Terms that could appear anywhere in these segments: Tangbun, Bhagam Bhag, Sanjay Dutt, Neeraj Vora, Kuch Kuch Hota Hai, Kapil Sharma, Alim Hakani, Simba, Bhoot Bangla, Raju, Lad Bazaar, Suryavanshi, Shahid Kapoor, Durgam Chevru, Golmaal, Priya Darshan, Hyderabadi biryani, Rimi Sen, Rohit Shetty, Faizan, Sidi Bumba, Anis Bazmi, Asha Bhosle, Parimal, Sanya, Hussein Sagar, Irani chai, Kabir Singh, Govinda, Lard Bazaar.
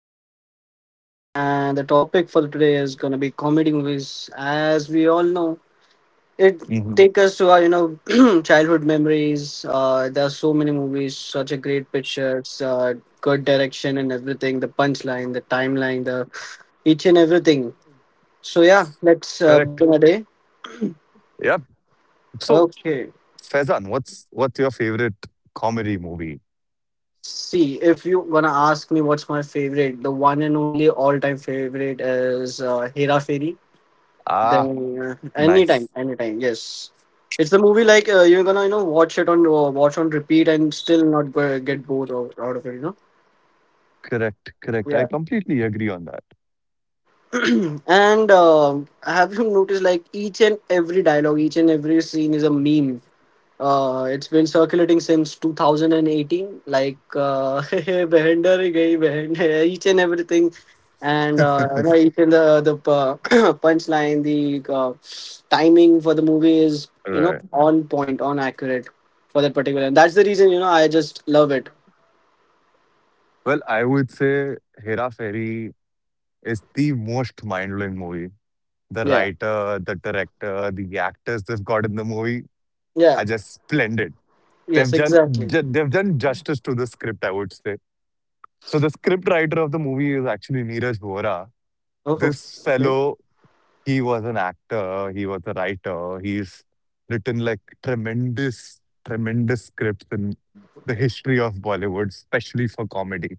Fazan this side, and the topic for today is gonna be comedy movies. As we all know, it hmm take us to our childhood memories. There are so many movies, such a great pictures, good direction, and everything. The punchline, the timeline, the each and everything. So yeah, let's Correct. begin a day. Yep. So, Okay. Faizan, what's your favorite comedy movie? See, if you gonna ask me what's my favorite, the one and only all-time favorite is Hera Fairy. Ah, Then anytime, nice. anytime, yes. It's the movie like you're gonna watch it on watch on repeat and still not go, get bored out, out of it, you know. Correct, correct. I Yeah. completely agree on that. And have you noticed like each and every dialogue, each and every scene is a meme. It's been circulating since 2018. Behind her hi gayi, behind each and everything, and you know, each and the punchline, the uh, timing for the movie is Right. on point, on accurate for that particular. And that's the reason I just love it. Well, I would say Hera Fairy is the most mind blowing movie. The Yeah, writer, the director, the actors they've got in the movie yeah, are just splendid. They've yes, done exactly. They've done justice to the script, I would say. So the script writer of the movie is actually Neeraj Vora. Oh, This okay, fellow, he was an actor, he was a writer, he's written like tremendous, tremendous scripts in the history of Bollywood, especially for comedy.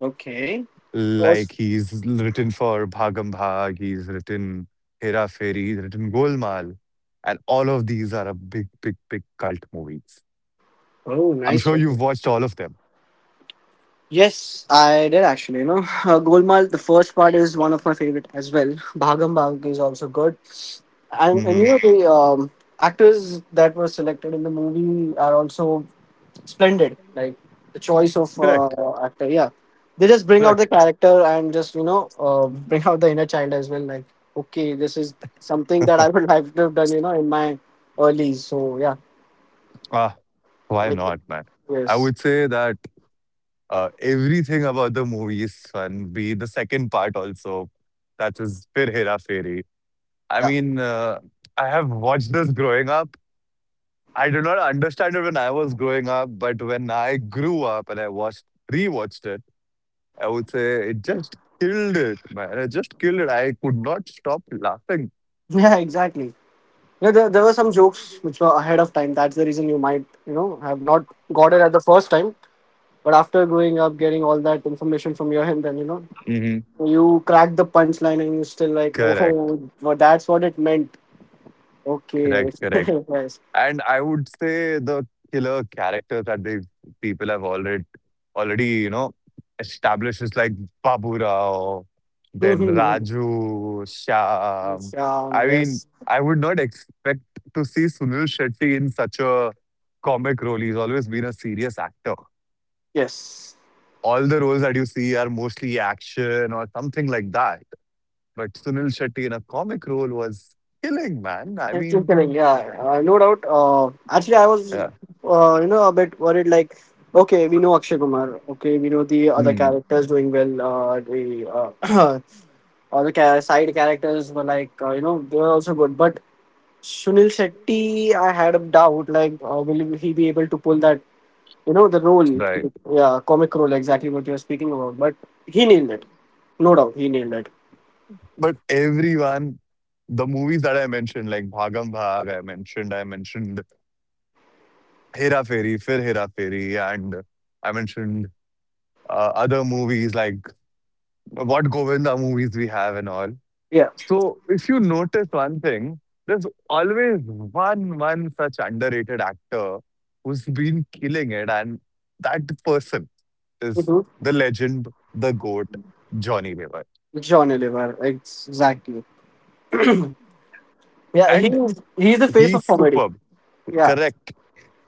okay. Like Was he's written for Bhagam Bhag, he's written Hera Fairy, he's written Golmaal. And all of these are a big, big, big cult movies. oh, I'm nice sure you've one. watched all of them. Yes, I did actually. You know, Golmaal. The first part is one of my favorite as well. Bhagam Bhag is also good, and you hmm know the actors that were selected in the movie are also splendid. Like the choice of Correct. Actor, yeah, they just bring out the Correct. character and just bring out the inner child as well. Like okay, this is something that I would like to have done. You know, in my early. So yeah, Ah, why it, not, man? I yes, would say that everything about the movie is fun. Be the second part also, that is Fir Hera Fairy. I yeah, mean, I have watched this growing up. I did not understand it when I was growing up, but when I grew up and I watched, rewatched it, I would say it just killed it, man. It just killed it. I could not stop laughing. yeah, exactly. Yeah, there were some jokes which were ahead of time. That's the reason you might, you know, have not got it at the first time. But after going up, getting all that information from your end, then you know, hmm you crack the punchline and you're still like, Correct. oh, well, that's what it meant. Correct. Okay, Correct. yes, And I would say the killer character that the people have already, you know, established is like Babu Rao, then Raju, Shyam. yes, I mean, yes, I would not expect to see Sunil Shetty in such a comic role. He's always been a serious actor. yes. All the roles that you see are mostly action or something like that. But Sunil Shetty in a comic role was killing, man. I It's just mean, kidding. Yeah, no doubt. Actually, I was, yeah. uh, you know, a bit worried. Like, okay, we know Akshay Kumar. Okay, we know the other Hmm. characters doing well. The or the side characters were like, you know, they were also good. But Sunil Shetty, I had a doubt, like, will he be able to pull that, you know, the role? Right. Yeah, comic role, exactly what you were speaking about. But he nailed it. No doubt, he nailed it. But everyone, the movies that I mentioned, like Bhagam Bhag, I mentioned Hera Fairy, Fir Hera Fairy, and I mentioned other movies like what Govinda movies we have and all. Yeah. So if you notice one thing, there's always one such underrated actor who's been killing it, and that person is Mhm. the legend, the goat, Johnny Weaver, John Oliver, exactly. Yeah, and he's the face of he's comedy. superb. Yeah, Correct.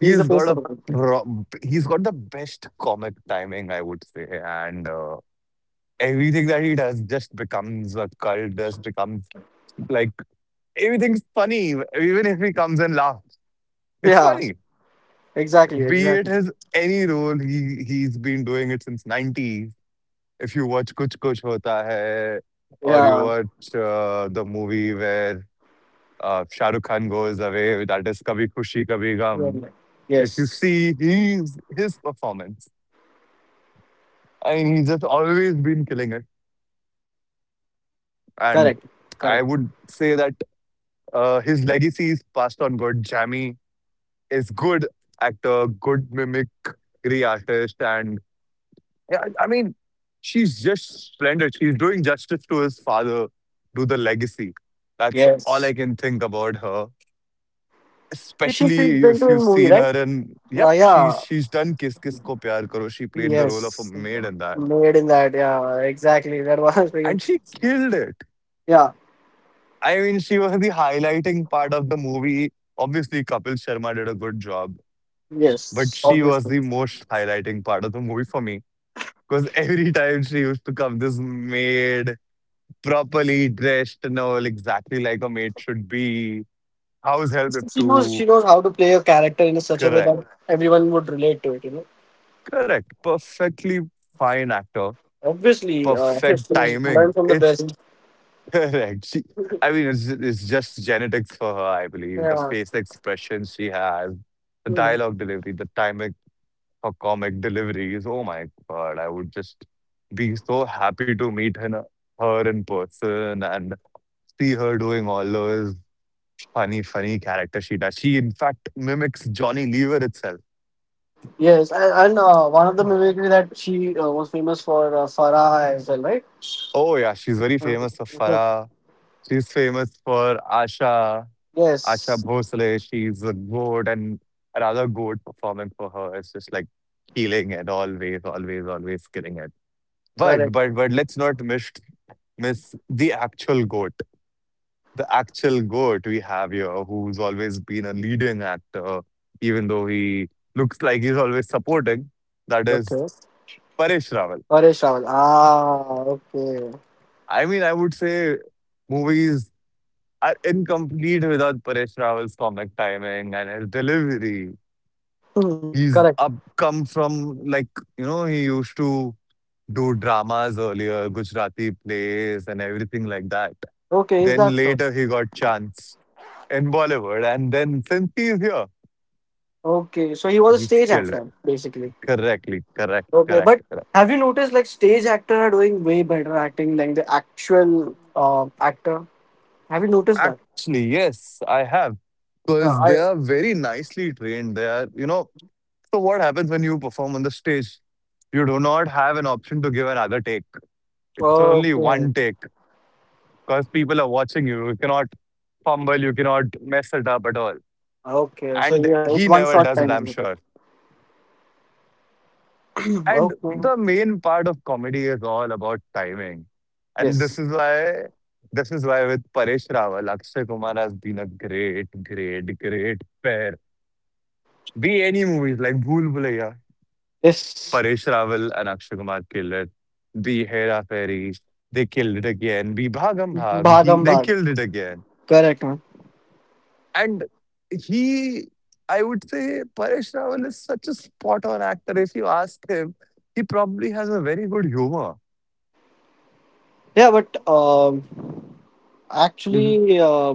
he's the face got of a comedy. He's got the best comic timing, I would say, and everything that he does just becomes a cult. Just becomes like everything's funny, even if he comes and laughs, it's Yeah, funny. exactly, Be it exactly. his any role, he's been doing it since '90s. If you watch Kuch Kuch Hota Hai, or you Yeah. watch the movie where Shah Rukh Khan goes away, that is Kabhi Khushi Kabhi Gham. Right. If you Yes. see his performance, I mean, he's just always been killing it. And Correct. I would Correct. say that his legacy is passed on good. Jamie is good actor, good mimicry artist. And yeah, I mean, she's just splendid. She's doing justice to his father, to the legacy. That's all Yes. I can think about her. She's been Especially if doing you've movie, seen right? her in, yep, she's Yeah. she's done Kiss Kiss Ko Pyar Karo. She played the role of a Yes, maid in that, made in that. Yeah, exactly. That was speaking. and she killed it. Yeah, I mean, she was the highlighting part of the movie. Obviously, Kapil Sharma did a good job, but yes, she was obviously. the most highlighting part of the movie for me. Because every time she used to come, this maid, properly dressed, you know, exactly like a maid should be. House help if She knows. She to knows how to play a character in such a way that correct, everyone would relate to it. You know, correct, perfectly fine actor, obviously. Perfect She learned timing. from the It's best. correct. She, I mean, it's just genetics for her, I believe. The Yeah. face expression she has, the Hmm. dialogue delivery, the timing for comic deliveries. Oh my God, I would just be so happy to meet her, her in person and see her doing all those funny, funny characters she does. She, in fact, mimics Johnny Lever itself. Yes, and one of the mimicry that she was famous for Farah as well, right? Oh yeah, she's very Uh, famous for so- Farah. She's famous for Asha. Asha yes, Bhosle, she's a goat and another goat performing for her. It's just like killing it always, always, always killing it. But correct. but but let's not miss the actual goat. The actual goat we have here, who's always been a leading actor, even though he looks like he's always supporting. That is Okay. Paresh Rawal. Paresh Rawal. Ah, okay. I mean, I would say movies are incomplete without Paresh Rawal's comic timing and his delivery. Hmm, He's correct. up come from like, you know, he used to do dramas earlier, Gujarati plays and everything like that. Okay, is Then that so? later he got chance in Bollywood and then since he's here, Okay, so he was a he's stage killed it. actor basically. Correctly, correct, Okay, correct, but correct. have you noticed like stage actor are doing way better acting than the actual actor? Have you noticed that? Actually, yes, I have. Yeah, Because they I are very nicely trained. They are, you know, so what happens when you perform on the stage? You do not have an option to give another take. It's only okay, one take. Because people are watching you. You cannot fumble, you cannot mess it up at all. okay. So And yeah, it's he one never shot does it, I'm time. sure. And okay. the main part of comedy is all about timing. And Yes. This is why with Paresh Rawal, Akshay Kumar has been a great, great, great pair. Be any movies like Bhool Bhulaiya, Yes. Paresh Rawal and Akshay Kumar killed it. Be Hera Fairy, they killed it again. Be Bhagam Bhag, he, Bhagam they bhag. killed it again. Correct. Man. And he, I would say, Paresh Rawal is such a spot on actor. If you ask him, he probably has a very good humor. Yeah, but Mhm. actually,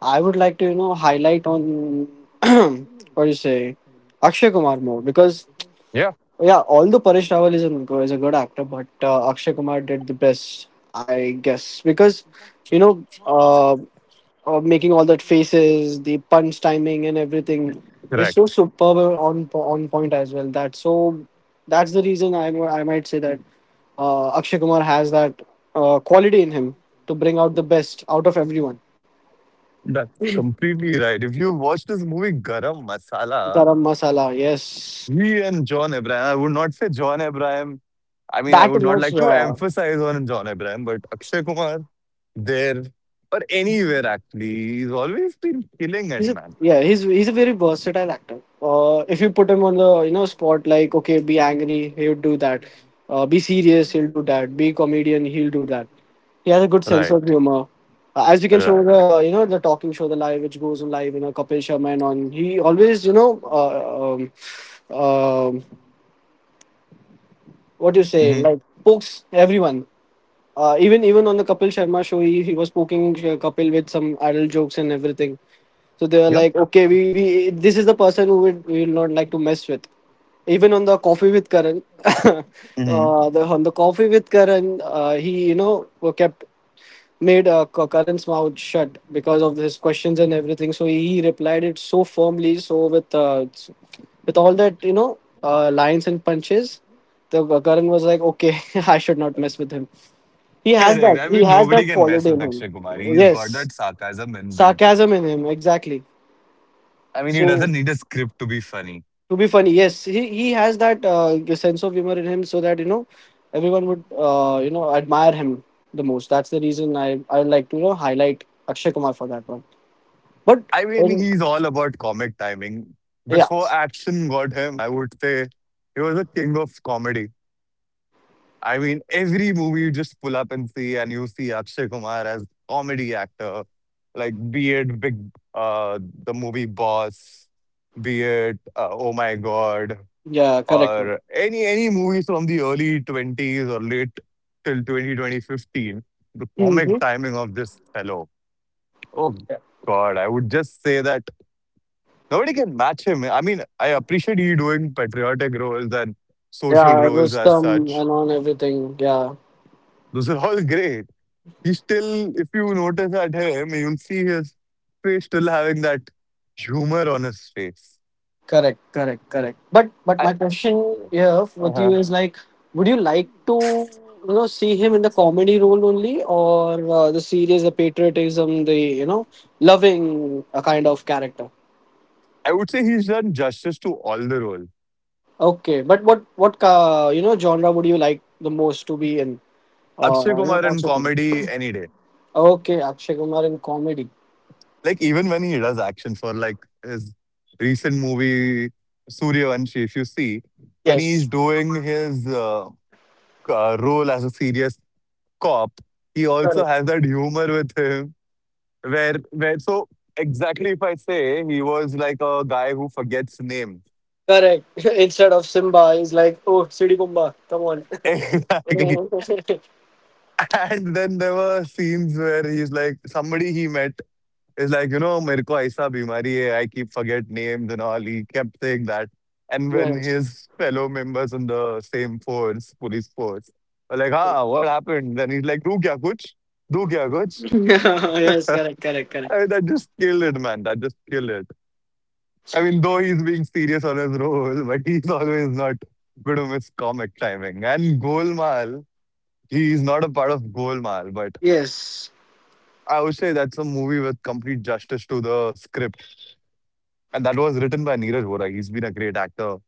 I would like to highlight on what do you say, Akshay Kumar more because Yeah, Yeah, although Paresh Rawal is is a good actor, but Akshay Kumar did the best, I guess, because you know, making all that faces, the punch timing, and everything is so correct. superb and on point as well. That so that's the reason I might say that Akshay Kumar has that quality in him to bring out the best out of everyone. That's completely right. If you watch this movie Garam Masala, Garam masala, yes, he and John Abraham, I would not say John Abraham. I mean, I that would not much. like to Yeah. emphasize on John Abraham, but Akshay Kumar, there or anywhere actually, he's always been killing He's it, a, man. yeah, he's he's a very versatile actor. If you put him on the spot, like okay, be angry, he'll do that. Be serious, he'll do that. Be comedian, he'll do that. He has a good sense of Right, humor, as you can show right. the the talking show, the live which goes on live, you know Kapil Sharma and on. He always um, um, what do you say Mhm. like pokes everyone. Even on the Kapil Sharma show, he was poking Kapil with some adult jokes and everything. So they are Yep. like, okay, we this is the person who would we will not like to mess with. Even on the coffee with Karan, the on the coffee with Karan, he kept made Karan's mouth shut because of his questions and everything. So he replied it so firmly, with all that lines and punches, the Karan was like, okay, I should not mess with him. He has Correct. that. I He mean, has nobody that can mess quality with in him. Akshay Kumar. He's got Yes, that sarcasm inbuilt. sarcasm in him. Exactly. I mean, he doesn't So need a script to be funny. to be funny yes he has that sense of humor in him so that you know everyone would admire him the most that's the reason I would like to highlight akshay kumar for that one but I um, mean, he's all about comic timing. yeah Before action got him, I would say he was a king of comedy. I mean, every movie you just pull up and see, and you see Akshay Kumar as comedy actor, like be it big, uh, the movie Boss, be it Oh My God. yeah correct Or any movies from the early 20s or late till 20 2015, the mm-hmm. comic timing of this fellow. Oh God, I would just say that nobody can match him. I mean, I appreciate he doing patriotic roles and yeah social roles as rustam such. and on everything yeah Those are all great. He still, if you notice at him, you'll see his face still having that humor on his face. Correct, correct, correct. But I, my question here with uh-huh. you is like, would you like to see him in the comedy role only, or the serious, the patriotism, the you know loving kind of character? I would say he's done justice to all the roles. Okay, but what you know genre would you like the most to be in? Akshay You know, Kumar in Akshay Kumar. comedy any day. Okay, Akshay Kumar in comedy. Like even when he does action for like his recent movie Suryavanshi, if you see, when he's Yes, doing his role as a serious cop, he also correct, has that humor with him. Where so exactly if I say he was like a guy who forgets name. correct. Instead of Simba, he's like, oh, Sidi Bumba, come Exactly. on. And then there were scenes where he's like somebody he met, it's like, you know, मेरे को ऐसा बीमारी है, I keep forget names and all. He kept saying that. And when yes. his fellow members in the same force, police force, were like, ah, what happened? Then he's like, do kya kuch? Do kya kuch? yes correct correct correct I, mean, that just killed it, man. That just killed it. I mean, though he's being serious on his role, but he's always not good on his comic timing. And Golmaal, he's not a part of Golmaal, but yes I would say that's a movie with complete justice to the script. And that was written by Neeraj Vora. He's been a great actor.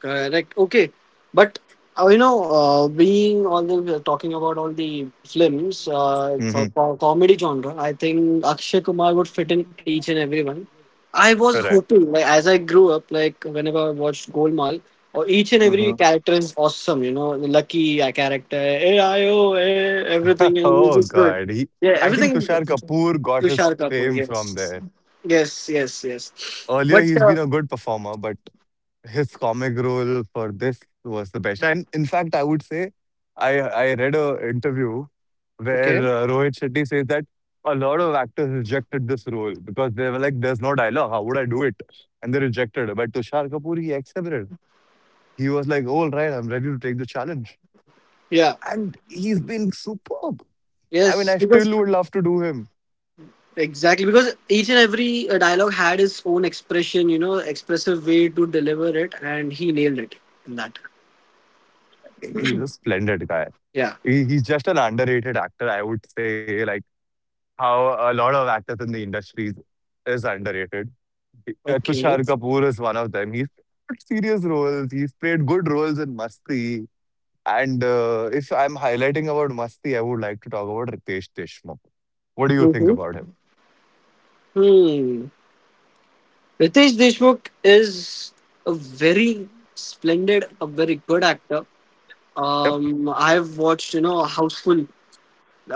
Correct. Like, Okay, but you know, being all the talking about all the films, it's a hmm comedy genre. I think Akshay Kumar would fit in each and everyone. I was Correct. hoping, like as I grew up, like whenever I watched Golmaal, or each and every hmm character is awesome. You know, the lucky character, AIO, eh, everything Oh is good. God, he. Yeah, I think everything is good. Tushar Kapoor got Tushar his Kapoor, fame from yes, there. yes, yes, yes. Earlier, But he's been a good performer, but his comic role for this was the best. And in fact, I would say, I read a interview where okay, Rohit Shetty says that a lot of actors rejected this role because they were like, "There's no dialogue. How would I do it?" And they rejected it. But Tushar Kapoor, he accepted. He was like, "Oh, all right, I'm ready to take the challenge." yeah. And he's been superb. I mean, Yes, I because still would love to do him. Exactly, because each and every dialogue had its own expression, you know, expressive way to deliver it, and he nailed it in that. He's a splendid guy. Yeah. He's just an underrated actor, I would say. Like how a lot of actors in the industry is underrated. Tushar Okay. Kapoor is one of them. He's played serious roles. He's played good roles in Masti. And if I'm highlighting about Masti, I would like to talk about Ritesh Deshmukh. What do you think Mm-hmm. about him? Hmm. Ritesh Deshmukh is a very splendid, a very good actor. Yep. I've watched, you know, Houseful.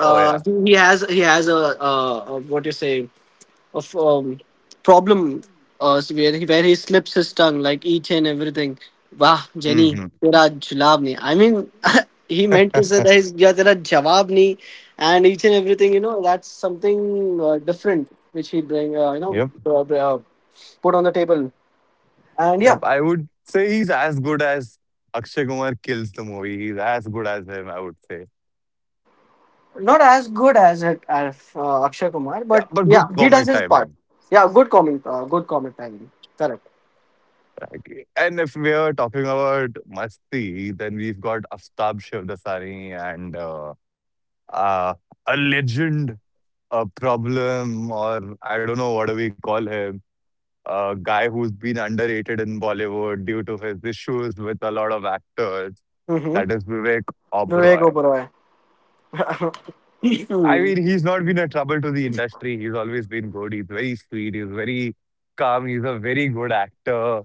Oh yeah. he he has he has a what you say of problem so where he slips his tongue like each and everything. Wow, Jenny, hmm tera julab nahi. I mean, he meant to say that he's yeah, tera jawab nahi, and each and everything. You know, that's something different which he bring. Yep. Put on the table, and Yep, yeah, I would say he's as good as Akshay Kumar kills the movie. He's as good as him, I would say. not as good as it as Akshay Kumar, Yeah, but but yeah, good he does comic his part. timing. Yeah, good comment. Good comment, Tangi. Correct. Like, and if we are talking about Masti, then we've got Aftab Shivdasani and uh, a legend, a problem, or I don't know what do we call him, a guy who's been underrated in Bollywood due to his issues with a lot of actors. Mm-hmm. That is Vivek Vivek Oberoi. Oberoi. I mean, he's not been a trouble to the industry. He's always been good. He's very sweet. He's very calm. He's a very good actor.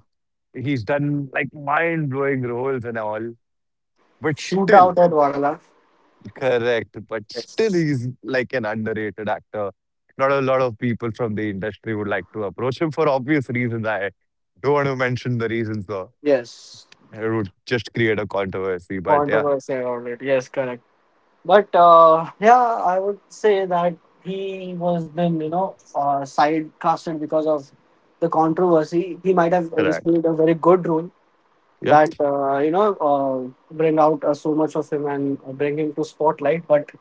He's done like mind blowing roles and all. But still, Shootout at Vadala. correct. But still, Yes. he's like an underrated actor. Not a lot of people from the industry would like to approach him for obvious reasons. I don't want to mention the reasons though. Yes. It would just create a controversy. But yeah, Controversy around it. Yes, correct. But yeah, I would say that he was been, you know, side casted because of the controversy. He might have correct. received a very good role Yep. that, you know, bring out so much of him and bring him to spotlight. But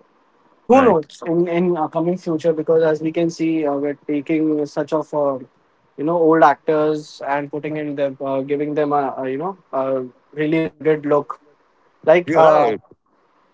who Right. knows in coming future because as we can see we're taking such of you know old actors and putting in them giving them a you know a really rugged look like You're right.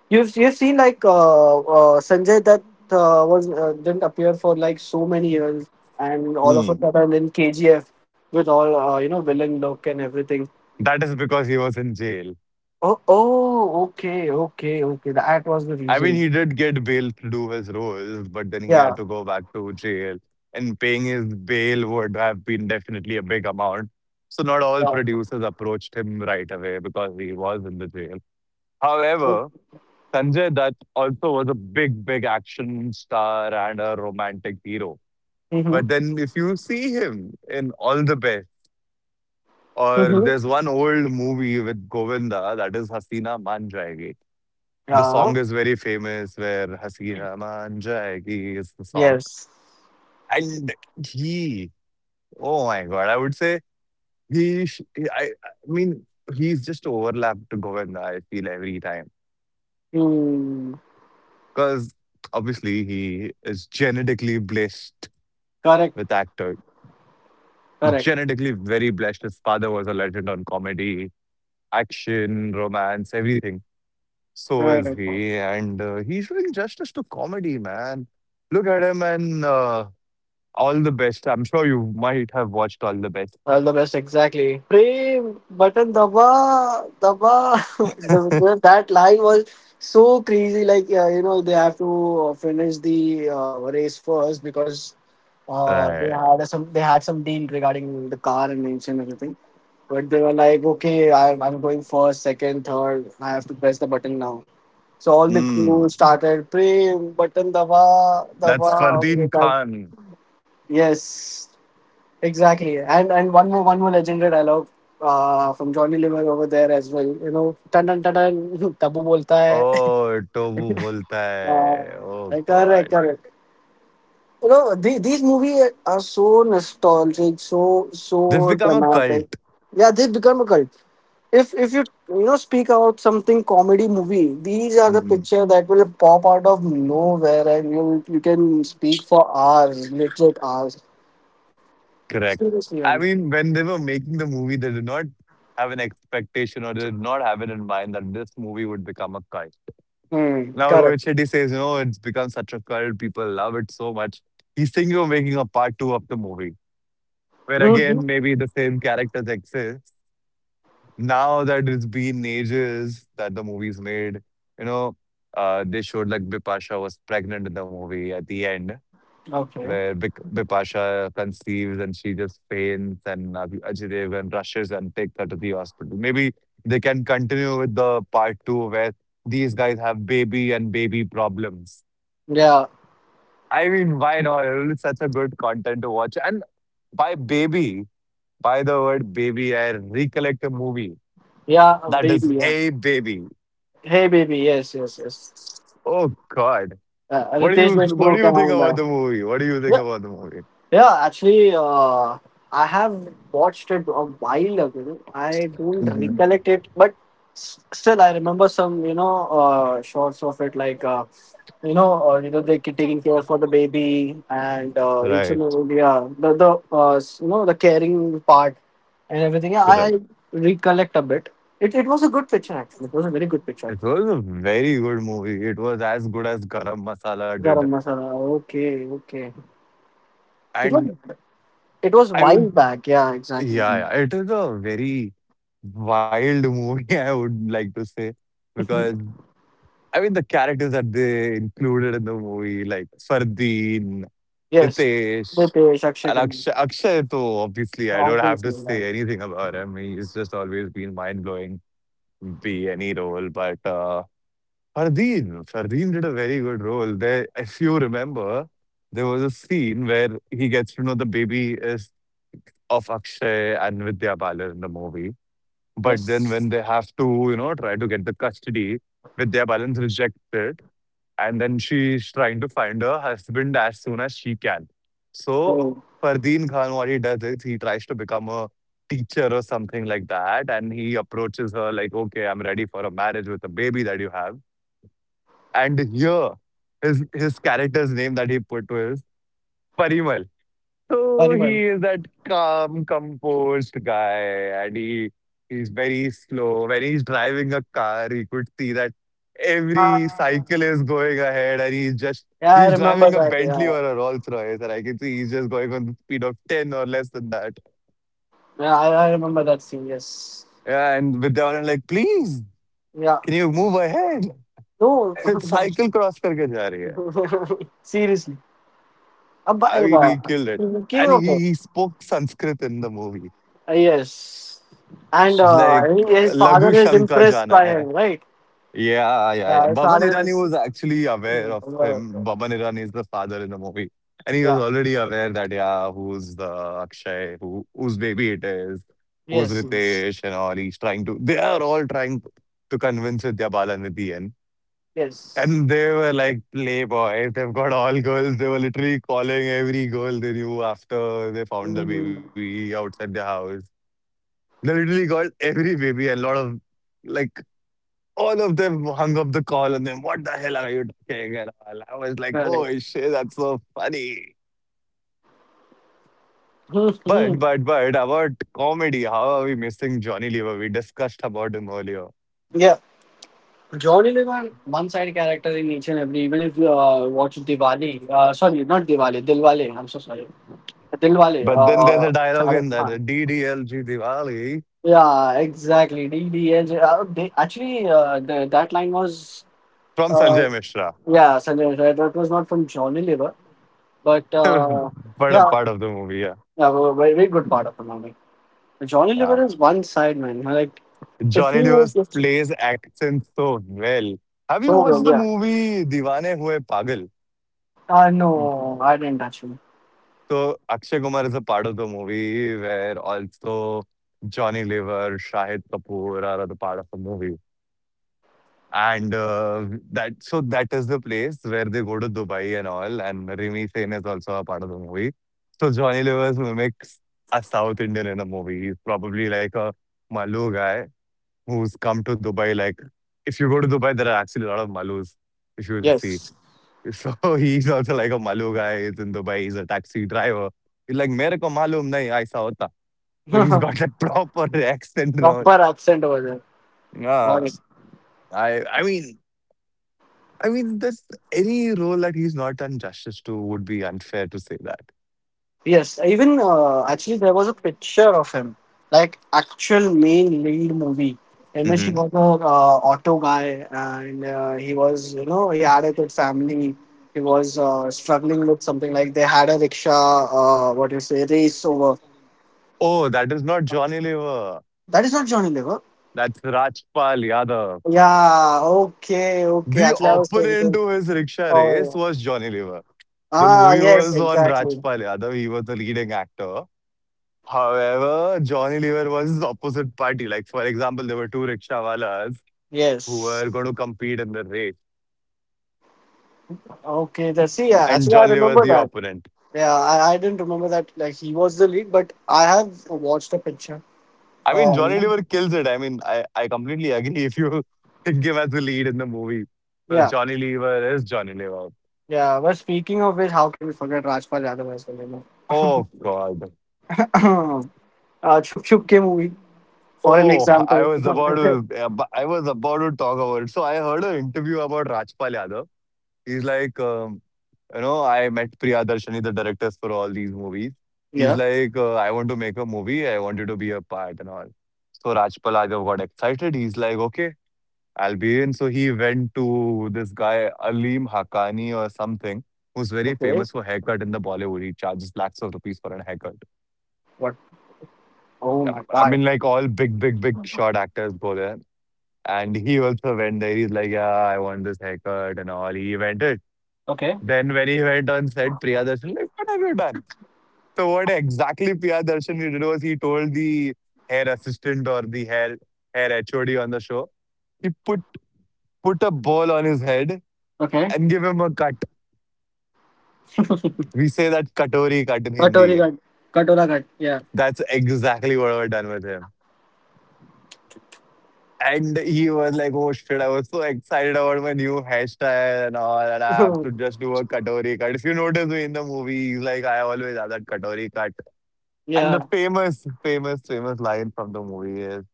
you've seen like Sanjay that was didn't appear for like so many years and all of a Hmm. sudden in KGF with all you know villain look and everything That is because he was in jail. oh oh okay okay okay that was the I mean, reason he did get bail to do his roles, but then he yeah had to go back to jail, and paying his bail would have been definitely a big amount. So, not all yeah producers approached him right away because he was in the jail. However, Sanjay Dutt also was a big, big action star and a romantic hero. mm-hmm, But then, if you see him in All the Best, or there's mm-hmm. one old movie with Govinda that is Hasina Man Jayegi. The Yeah. song is very famous where "Hasina Man Jayegi" is the song. Yes. And he oh my god, I would say he sh I mean, he's just overlapped to Govinda, I feel every time Hmm. because obviously he is genetically blessed Correct. with actor. Correct. Genetically very blessed. His father was a legend on comedy, action, romance, everything. So is Correct. he, and, he's doing justice to comedy, man. Look at him and. All the best. I'm sure you might have watched All the Best. All the best. Exactly. Pray button daba daba. That line was so crazy. Like you know, they have to finish the race first because Right. They had some deal regarding the car and engine and everything. But they were like, okay, I'm going first, second, third. I have to press the button now. So all the crew Mm. started praying button daba That's Fardeen daba. Khan. Yes, exactly. And one more legendary dialogue from Johnny Lever over there as well. You know, tan tan tan tan, tabu bolta hai. Oh, Tobu bolta Uh, hai. Oh correct, God. correct. You know, these movies are so nostalgic, so They've so become a dramatic. cult. Yeah, they become a cult. If you you know speak about something comedy movie, these are the Mhm. picture that will pop out of nowhere, and you can speak for hours, literally hours. Correct. Seriously, I man. mean, when they were making the movie, they did not have an expectation or they did not have it in mind that this movie would become a cult. Hmm. Now Correct. Rohit Shetty says, you know, it's become such a cult. People love it so much. He's thinking of making a part two of the movie where Hmm. again maybe the same characters exist now that it's been ages that the movie's made, you know, they showed like Bipasha was pregnant in the movie at the end, Okay. where Bipasha conceives and she just faints, and Ajay Devgan rushes and takes her to the hospital. Maybe they can continue with the part two where these guys have baby and baby problems. Yeah. I mean, why not? It's such a good content to watch. And by baby, by the word baby, I recollect a movie Yeah, that is baby. Yeah. Hey Baby. Hey, baby. Yes, yes, yes. Oh God. What do you Ritesh what do Deshmukh you think about and the movie? What do you think uh, about the movie? yeah, actually, I have watched it a while ago. I don't Mhm. recollect it, but still, I remember some, shots of it, like, they taking care for the baby and each and Right, every- yeah, the s- you know the caring part and everything. Yeah, I correct. recollect a bit. It was a good picture actually. It was a very good picture. It was a very good movie. It was as good as Garam Masala did. Garam masala. Okay, okay. It And was it was I would while back. Yeah, exactly. yeah, yeah, it is a very wild movie, I would like to say. Because I mean the characters that they included in the movie, like Fardeen Yes, the Ritesh, pay Akshay and Kumar. Akshay. Akshay, too, obviously, I don't have Obviously, to right. say anything about him. He's just always been mind blowing, be any role. But Fardeen did a very good role. There, if you remember, there was a scene where he gets to know the baby is of Akshay and Vidya Balan in the movie. But then Yes. when they have to, you know, try to get the custody, Vidya Balan rejects it and then she's trying to find her husband as soon as she can. So Oh, Fardeen Khan, what he does is he tries to become a teacher or something like that, and he approaches her like, "Okay, I'm ready for a marriage with a baby that you have." And here, his character's name that he put was Parimal. So Ariman. he is that calm, composed guy, and he he's very slow. When he's driving a car, he could see that every Ah. cycle is going ahead, and he's just Yeah, I he's remember driving a that. Bentley Yeah, or a Rolls Royce, and I can see he's just going on the speed of ten or less than that. yeah, I remember that scene. Yes. Yeah, and with that one, I'm like, please, Yeah. can you move ahead? No. Cycle cross करके जा रही है. Seriously. Abba, I mean, Abba. he killed it, He's and the king of he it. spoke Sanskrit in the movie. Yes. And She's like, he- his Lagu father is Shanka impressed jana by hai. him, right? Yeah, yeah, yeah. Yeah, his Baban father Irani is. was actually aware of him. Baban Irani is the father in the movie. And he was Yeah. already aware that, yeah, who's the Akshay, who whose baby it is, who's Yes. Yes. Ritesh and all. He's trying to, they are all trying to convince Vidya Balanidhi in. Yes. And they were like playboys. They've got all girls. They were literally calling every girl they knew after they found the Mm, baby outside their house. They literally got every baby and a lot of like all of them hung up the call on them. What the hell are you talking? And all. I was like, correct. oh shit, that's so funny. But about comedy, how are we missing Johnny Lever? We discussed about him earlier. Yeah. Johnny Lever, one side character in each and every. Even if you watch Diwali, sorry, not Diwali, Dilwale. I'm so sorry, Dilwale. But then there's a dialogue Shah in Rukh Khan. that DDLG Diwali Yeah, exactly. DDL. That line was from uh, Sanjay Mishra. yeah, Sanjay Mishra. That was not from Johnny Lever, but but a yeah, part of the movie, yeah. yeah, a very, very good part of the movie. Johnny Yeah. Lever is one side, man. Like Johnny Lever if you- plays accent so well. Have you so well, watched the yeah. movie Diwane Hue Pagal? No, I didn't actually. So Akshay Kumar is a part of the movie where also Johnny Lever, Shahid Kapoor are the part of the movie. And that so that is the place where they go to Dubai and all. And Rimi Sen is also a part of the movie. So Johnny Lever mimics a South Indian in the movie. He's probably like a Malu guy who's come to Dubai. Like if you go to Dubai, there are actually a lot of Malus if you would see. Yes. So he's also like, a Malu guy is in Dubai. He's a taxi driver." He's like, "मेरे को मालूम नहीं, ऐसा होता." So he's got that proper accent and all. Proper accent over there. Got Yeah, it. I mean, I mean, this any role that he's not done justice to would be unfair to say that. Yes, even actually there was a picture of him, like actual main lead movie. In which he Hmm. was a auto guy, and he was, you know, he had a good family. He was struggling with something like they had a rickshaw, what do you say, race over. Oh, that is not Johnny Lever. That is not Johnny Lever. That's Rajpal Yadav. Yeah. Okay. Okay. The Actually, I was opponent thinking. to his rickshaw race Oh. was Johnny Lever. The Ah. movie Yes. was on Exactly. Rajpal Yadav. He was the leading actor. However, Johnny Lever was the opposite party. Like, for example, there were two rickshawalas who were Yes. going to compete in the race, Okay. That's see. Yeah, and actually, I Johnny Lever remember the that. opponent. Yeah, I didn't remember that like he was the lead, but I have watched a picture. I mean, You Johnny know? Lever kills it. I mean, I completely agree if you give us the lead in the movie. Well, Yeah, Johnny Lever is Johnny Lever. yeah. But speaking of which, how can we forget Rajpal Yadav as well? You Oh, God. know, Chup Chup Ke movie for an Oh, example. I was about to talk about it. So I heard an interview about Rajpal Yadav. He's like, you know, I met Priya Darshani, the directors for all these movies. He's Yeah. like, I want to make a movie. I want you to be a part and all. So Rajpal Raghav got excited. He's like, okay, I'll be in. So he went to this guy, Alim Hakani or something, who's very Okay. famous for haircut in the Bollywood. He charges lakhs of rupees for a haircut. What? Oh Yep. my I mean, God. like all big, big, big short actors go there. And he also went there. He's like, yeah, I want this haircut and all. He went it. Okay. Then when he went on set, Priya Darshan, like, what have you done? So what exactly PR Darshan did was he told the hair assistant or the hair HOD on the show, he put a ball on his head Okay. and give him a cut. We say that katori cut in Katori Hindi. Ghat. Katora Ghat. Yeah. That's exactly what we're done with him. And he was like, oh shit, I was so excited about my new hairstyle and all, and I have to just do a katori cut. If you notice me in the movie, he's like, I always have that katori cut. And the Yeah. famous, famous, famous line from the movie is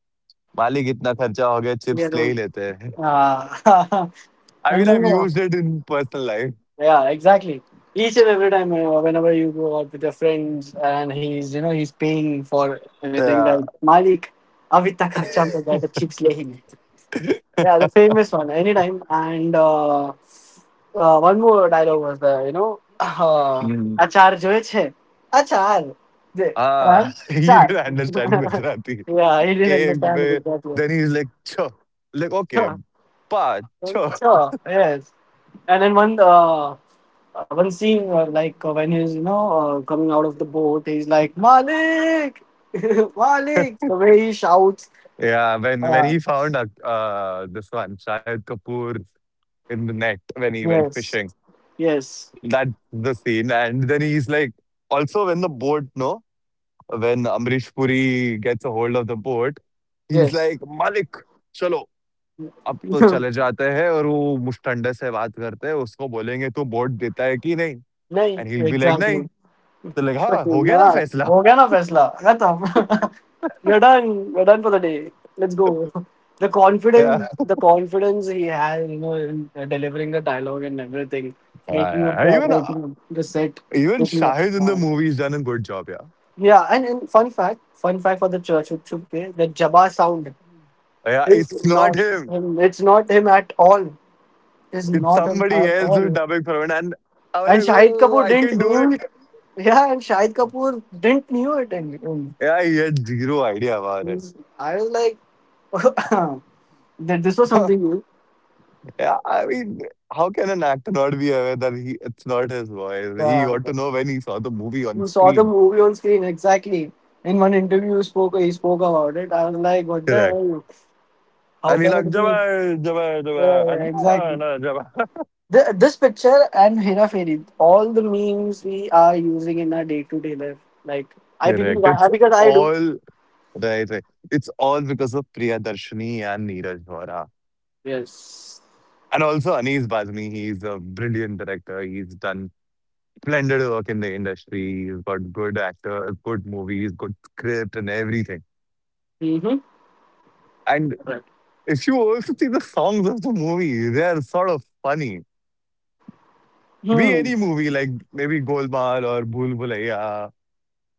मालिक इतना खर्चा हो गया Yeah. Chips ले ही No. लेते हैं Ah. I And mean I have do used it in personal life yeah, exactly. Each and every time, whenever you go out with your friends and he's, you know, he's paying for anything that Malik, ab itna kharcha to gaya, the chips le hi le." Yeah, the famous one, anytime. And one more dialogue was there, you know, achar joye chhe, achar, de, हाँ char, he char. didn't understand Gujarati Yeah, he didn't एक पे understand with that one. then he's like "Cho," like okay Sure, pa cho sure, yes. And then one, one scene, like when he's, you know, coming out of the boat, he's like Malik, Malik. The way he shouts. yeah when Uh, he found this one Shahid Kapoor in the net when he went yes, fishing yes, that's the scene and then he's like also when the boat no when Amrish Puri gets a hold of the boat he's like yes. Malik chalo, अब तो चले जाते हैं और वो मुष्टंडे से बात करते हैं, उसको बोलेंगे तू वोट देता है कि नहीं? नहीं and he will be like नहीं। exactly. तो लाइक हाँ, Okay, हो गया ना nah, फैसला। हो गया ना फैसला खत्म We're done. We're done for the day. Let's go. The confidence he has, you know, in delivering the dialogue and everything, even making up the set, even making up. Shahid in the movie has done a good job yeah. Yeah, and fun fact for the church, okay, the Jabba sound Yeah, is it's not not him. him. It's not him at all. Is It's not him somebody at else who's all. dubbing for him and I was And like, Shahid "Oh, Kapoor I can didn't do it." knew it. Yeah, and Shahid Kapoor didn't knew it. And, and Yeah, he had zero idea about it. he's- I was like, that this was something new. Yeah, I mean, how can an actor not be aware that he it's not his voice? He Yeah, ought to know when he saw the movie on you saw the screen. movie on screen exactly. In one interview, you spoke he spoke about it. I was like, what the Correct. hell? How And you're can like, it be? Jabbar, Jabbar, Jabbar. Yeah, And no, exactly. no, Jabbar. Th This picture and Hera Fairy, all the memes we are using in our day to day life. Like I believe Correct. I It's have because I do. all right, right. It's all because of Priya Darshini and Neeraj Vora. Yes. And also Anis Bazmi, he's a brilliant director. He's done splendid work in the industry. He's got good actor, good movies, good script and everything. Mm-hmm. And Correct. if you also see the songs of the movie, they are sort of funny. Be Hmm. any movie like maybe Golmaal or Bhool Bhulaiya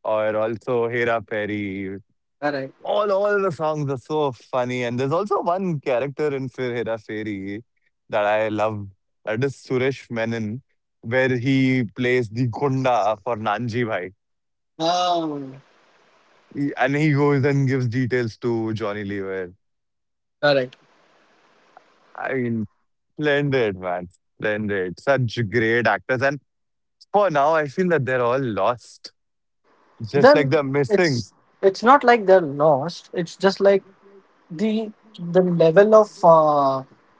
or also Hera Fairy. Correct. All the songs are so funny, and there's also one character in Fir Hera Feri that I loved. That is Suresh Menon, where he plays the Gunda for Nanji Bhai. Ah. And he goes and gives details to Johnny Lever. Correct. I mean, splendid man, splendid. Such great actors, and for now, I feel that they're all lost, just like Then they're missing. it's it's not like they're lost. It's just like the the level of uh,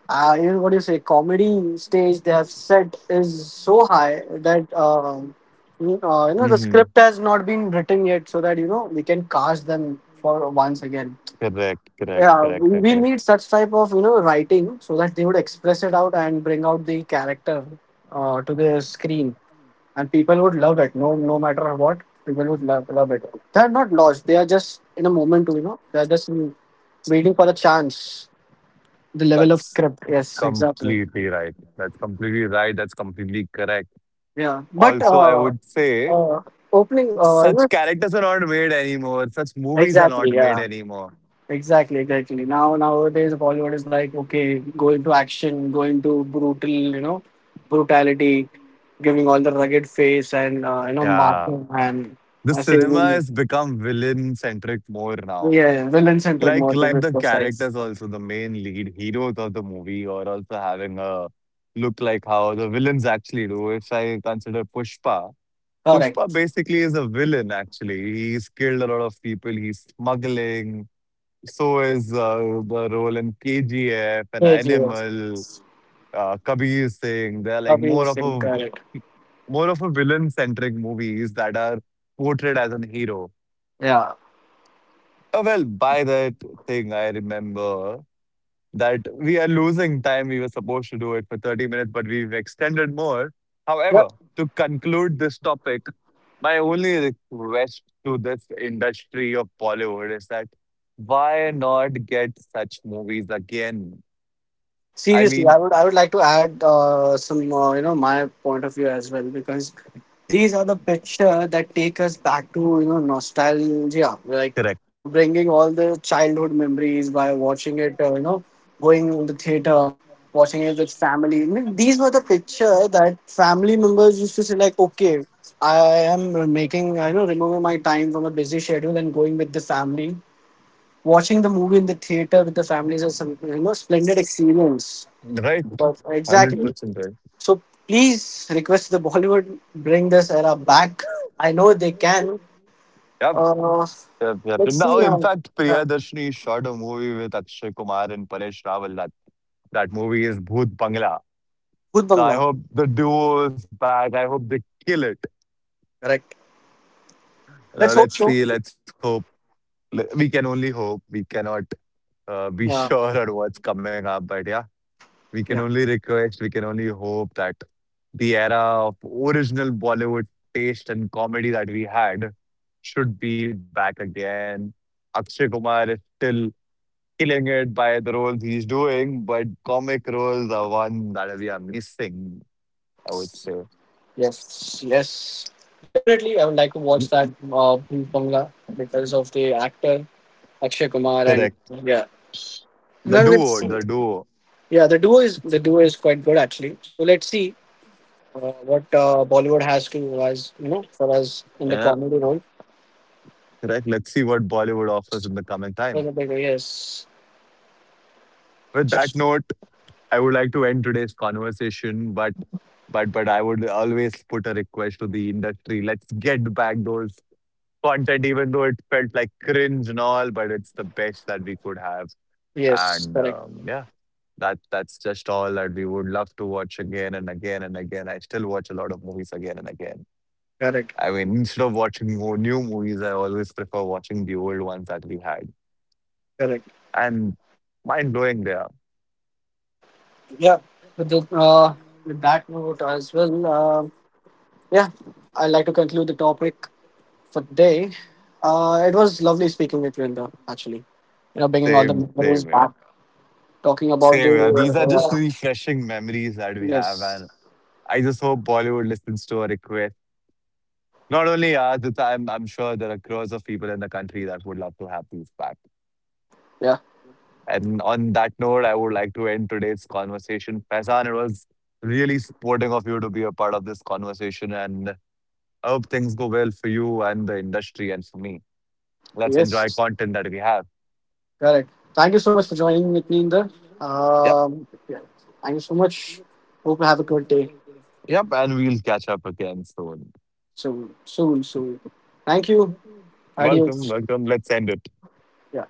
uh you know what do you say comedy stage they have set is so high that you know the Hmm. script has not been written yet so that you know we can cast them for once again. Correct, correct, Yeah, correct, correct, we correct. need such type of, you know, writing so that they would express it out and bring out the character to the screen and people would love it. No, no matter what, people would love, love it. They are not lost. They are just in a moment. You know, they are just waiting for the chance. The level of That's script. Yes, exactly. completely right. That's completely right. That's completely correct. Yeah, but Also, I would say uh opening. Such characters are not made anymore. Such movies are Exactly. not made Yeah. anymore. Exactly, exactly. Now nowadays Bollywood is like, okay, go into action, go into brutal, you know, brutality, giving all the rugged face and, you know, Yeah. marking and The cinema saving. has become villain centric more now. Yeah, villain centric Like more to like be the precise. characters also, the main lead heroes of the movie are also having a look like how the villains actually do. If I consider Pushpa, Pushpa Correct. basically is a villain actually. He's killed a lot of people, he's smuggling. So is The role in KGF and K G Animal. S. Kabir Singh. They're like Kabir more of Singh. a Correct. More of a villain-centric movies that are portrayed as an hero. Yeah. By that thing, I remember that we are losing time. We were supposed to do it for 30 minutes, but we've extended more. Yeah. However, to conclude this topic, my only request to this industry of Bollywood is that why not get such movies again? I Seriously, mean, I would like to add some, you know, my point of view as well because these are the picture that take us back to, you know, nostalgia, like Correct, bringing all the childhood memories by watching it, you know, going to the theater, watching it with family. I mean, these were the picture that family members used to say like, okay, I am making, I know, removing my time from a busy schedule and going with the family. Watching the movie in the theater with the families is some, you know, splendid experience. right? But one Hundred exactly. percent right. So please request the Bollywood bring this era back. I know they can. Yeah, Uh, yep, yep. let's see Now, in now. fact, Yeah. Priyadarshini shot a movie with Akshay Kumar and Paresh Rawal. That movie is Bhoot Bangla. Bhoot Now, I Bangla. hope the duo is back. I hope they kill it. Correct. Now, Let's hope let's so. see. Let's hope. We can only hope. We cannot Be Uh, sure on what's coming up. But yeah, we can yeah. only request. We can only hope that the era of original Bollywood taste and comedy that we had should be back again. Akshay Kumar is still killing it by the roles he's doing, but comic roles are one that we are missing, I would say. Yes. Yes. Definitely, I would like to watch that Bhoot Bangla because of the actor Akshay Kumar and Correct. yeah. Now let's see. The duo. Yeah, the duo is quite good actually. So let's see what Bollywood has to, as you know, for us in the Yeah, comedy role. correct. Let's see what Bollywood offers in the coming For time. the bigger, yes, With that note, I would like to end today's conversation, but I would always put a request to the industry. Let's get back those content, even though it felt like cringe and all, but it's the best that we could have. yes, And correct, um, yeah, that's just all that we would love to watch again and again and again. I still watch a lot of movies again and again. correct, I mean, instead of watching more new movies, I always prefer watching the old ones that we had. correct. And mind blowing they are. Yeah, with, the, uh, with that note as well. Yeah, I'd like to conclude the topic for today. It was lovely speaking with you, Indra. Actually, you know, bringing all the Same memories here. back, talking about Same here. These the are just refreshing memories that we have. yes, And I just hope Bollywood listens to our request. Not only us, it's, I'm sure there are crores of people in the country that would love to have these back. yeah, And on that note, I would like to end today's conversation. Faizan, it was really supporting of you to be a part of this conversation. And I hope things go well for you and the industry and for me. Let's enjoy yes. content that we have. Correct. Thank you so much for joining with me, Inder. Yep, Yeah. Thank you so much. Hope you have a good day. yep. And we'll catch up again soon. So soon, soon. Thank you. Welcome, Adios. welcome. Let's end it. Yeah.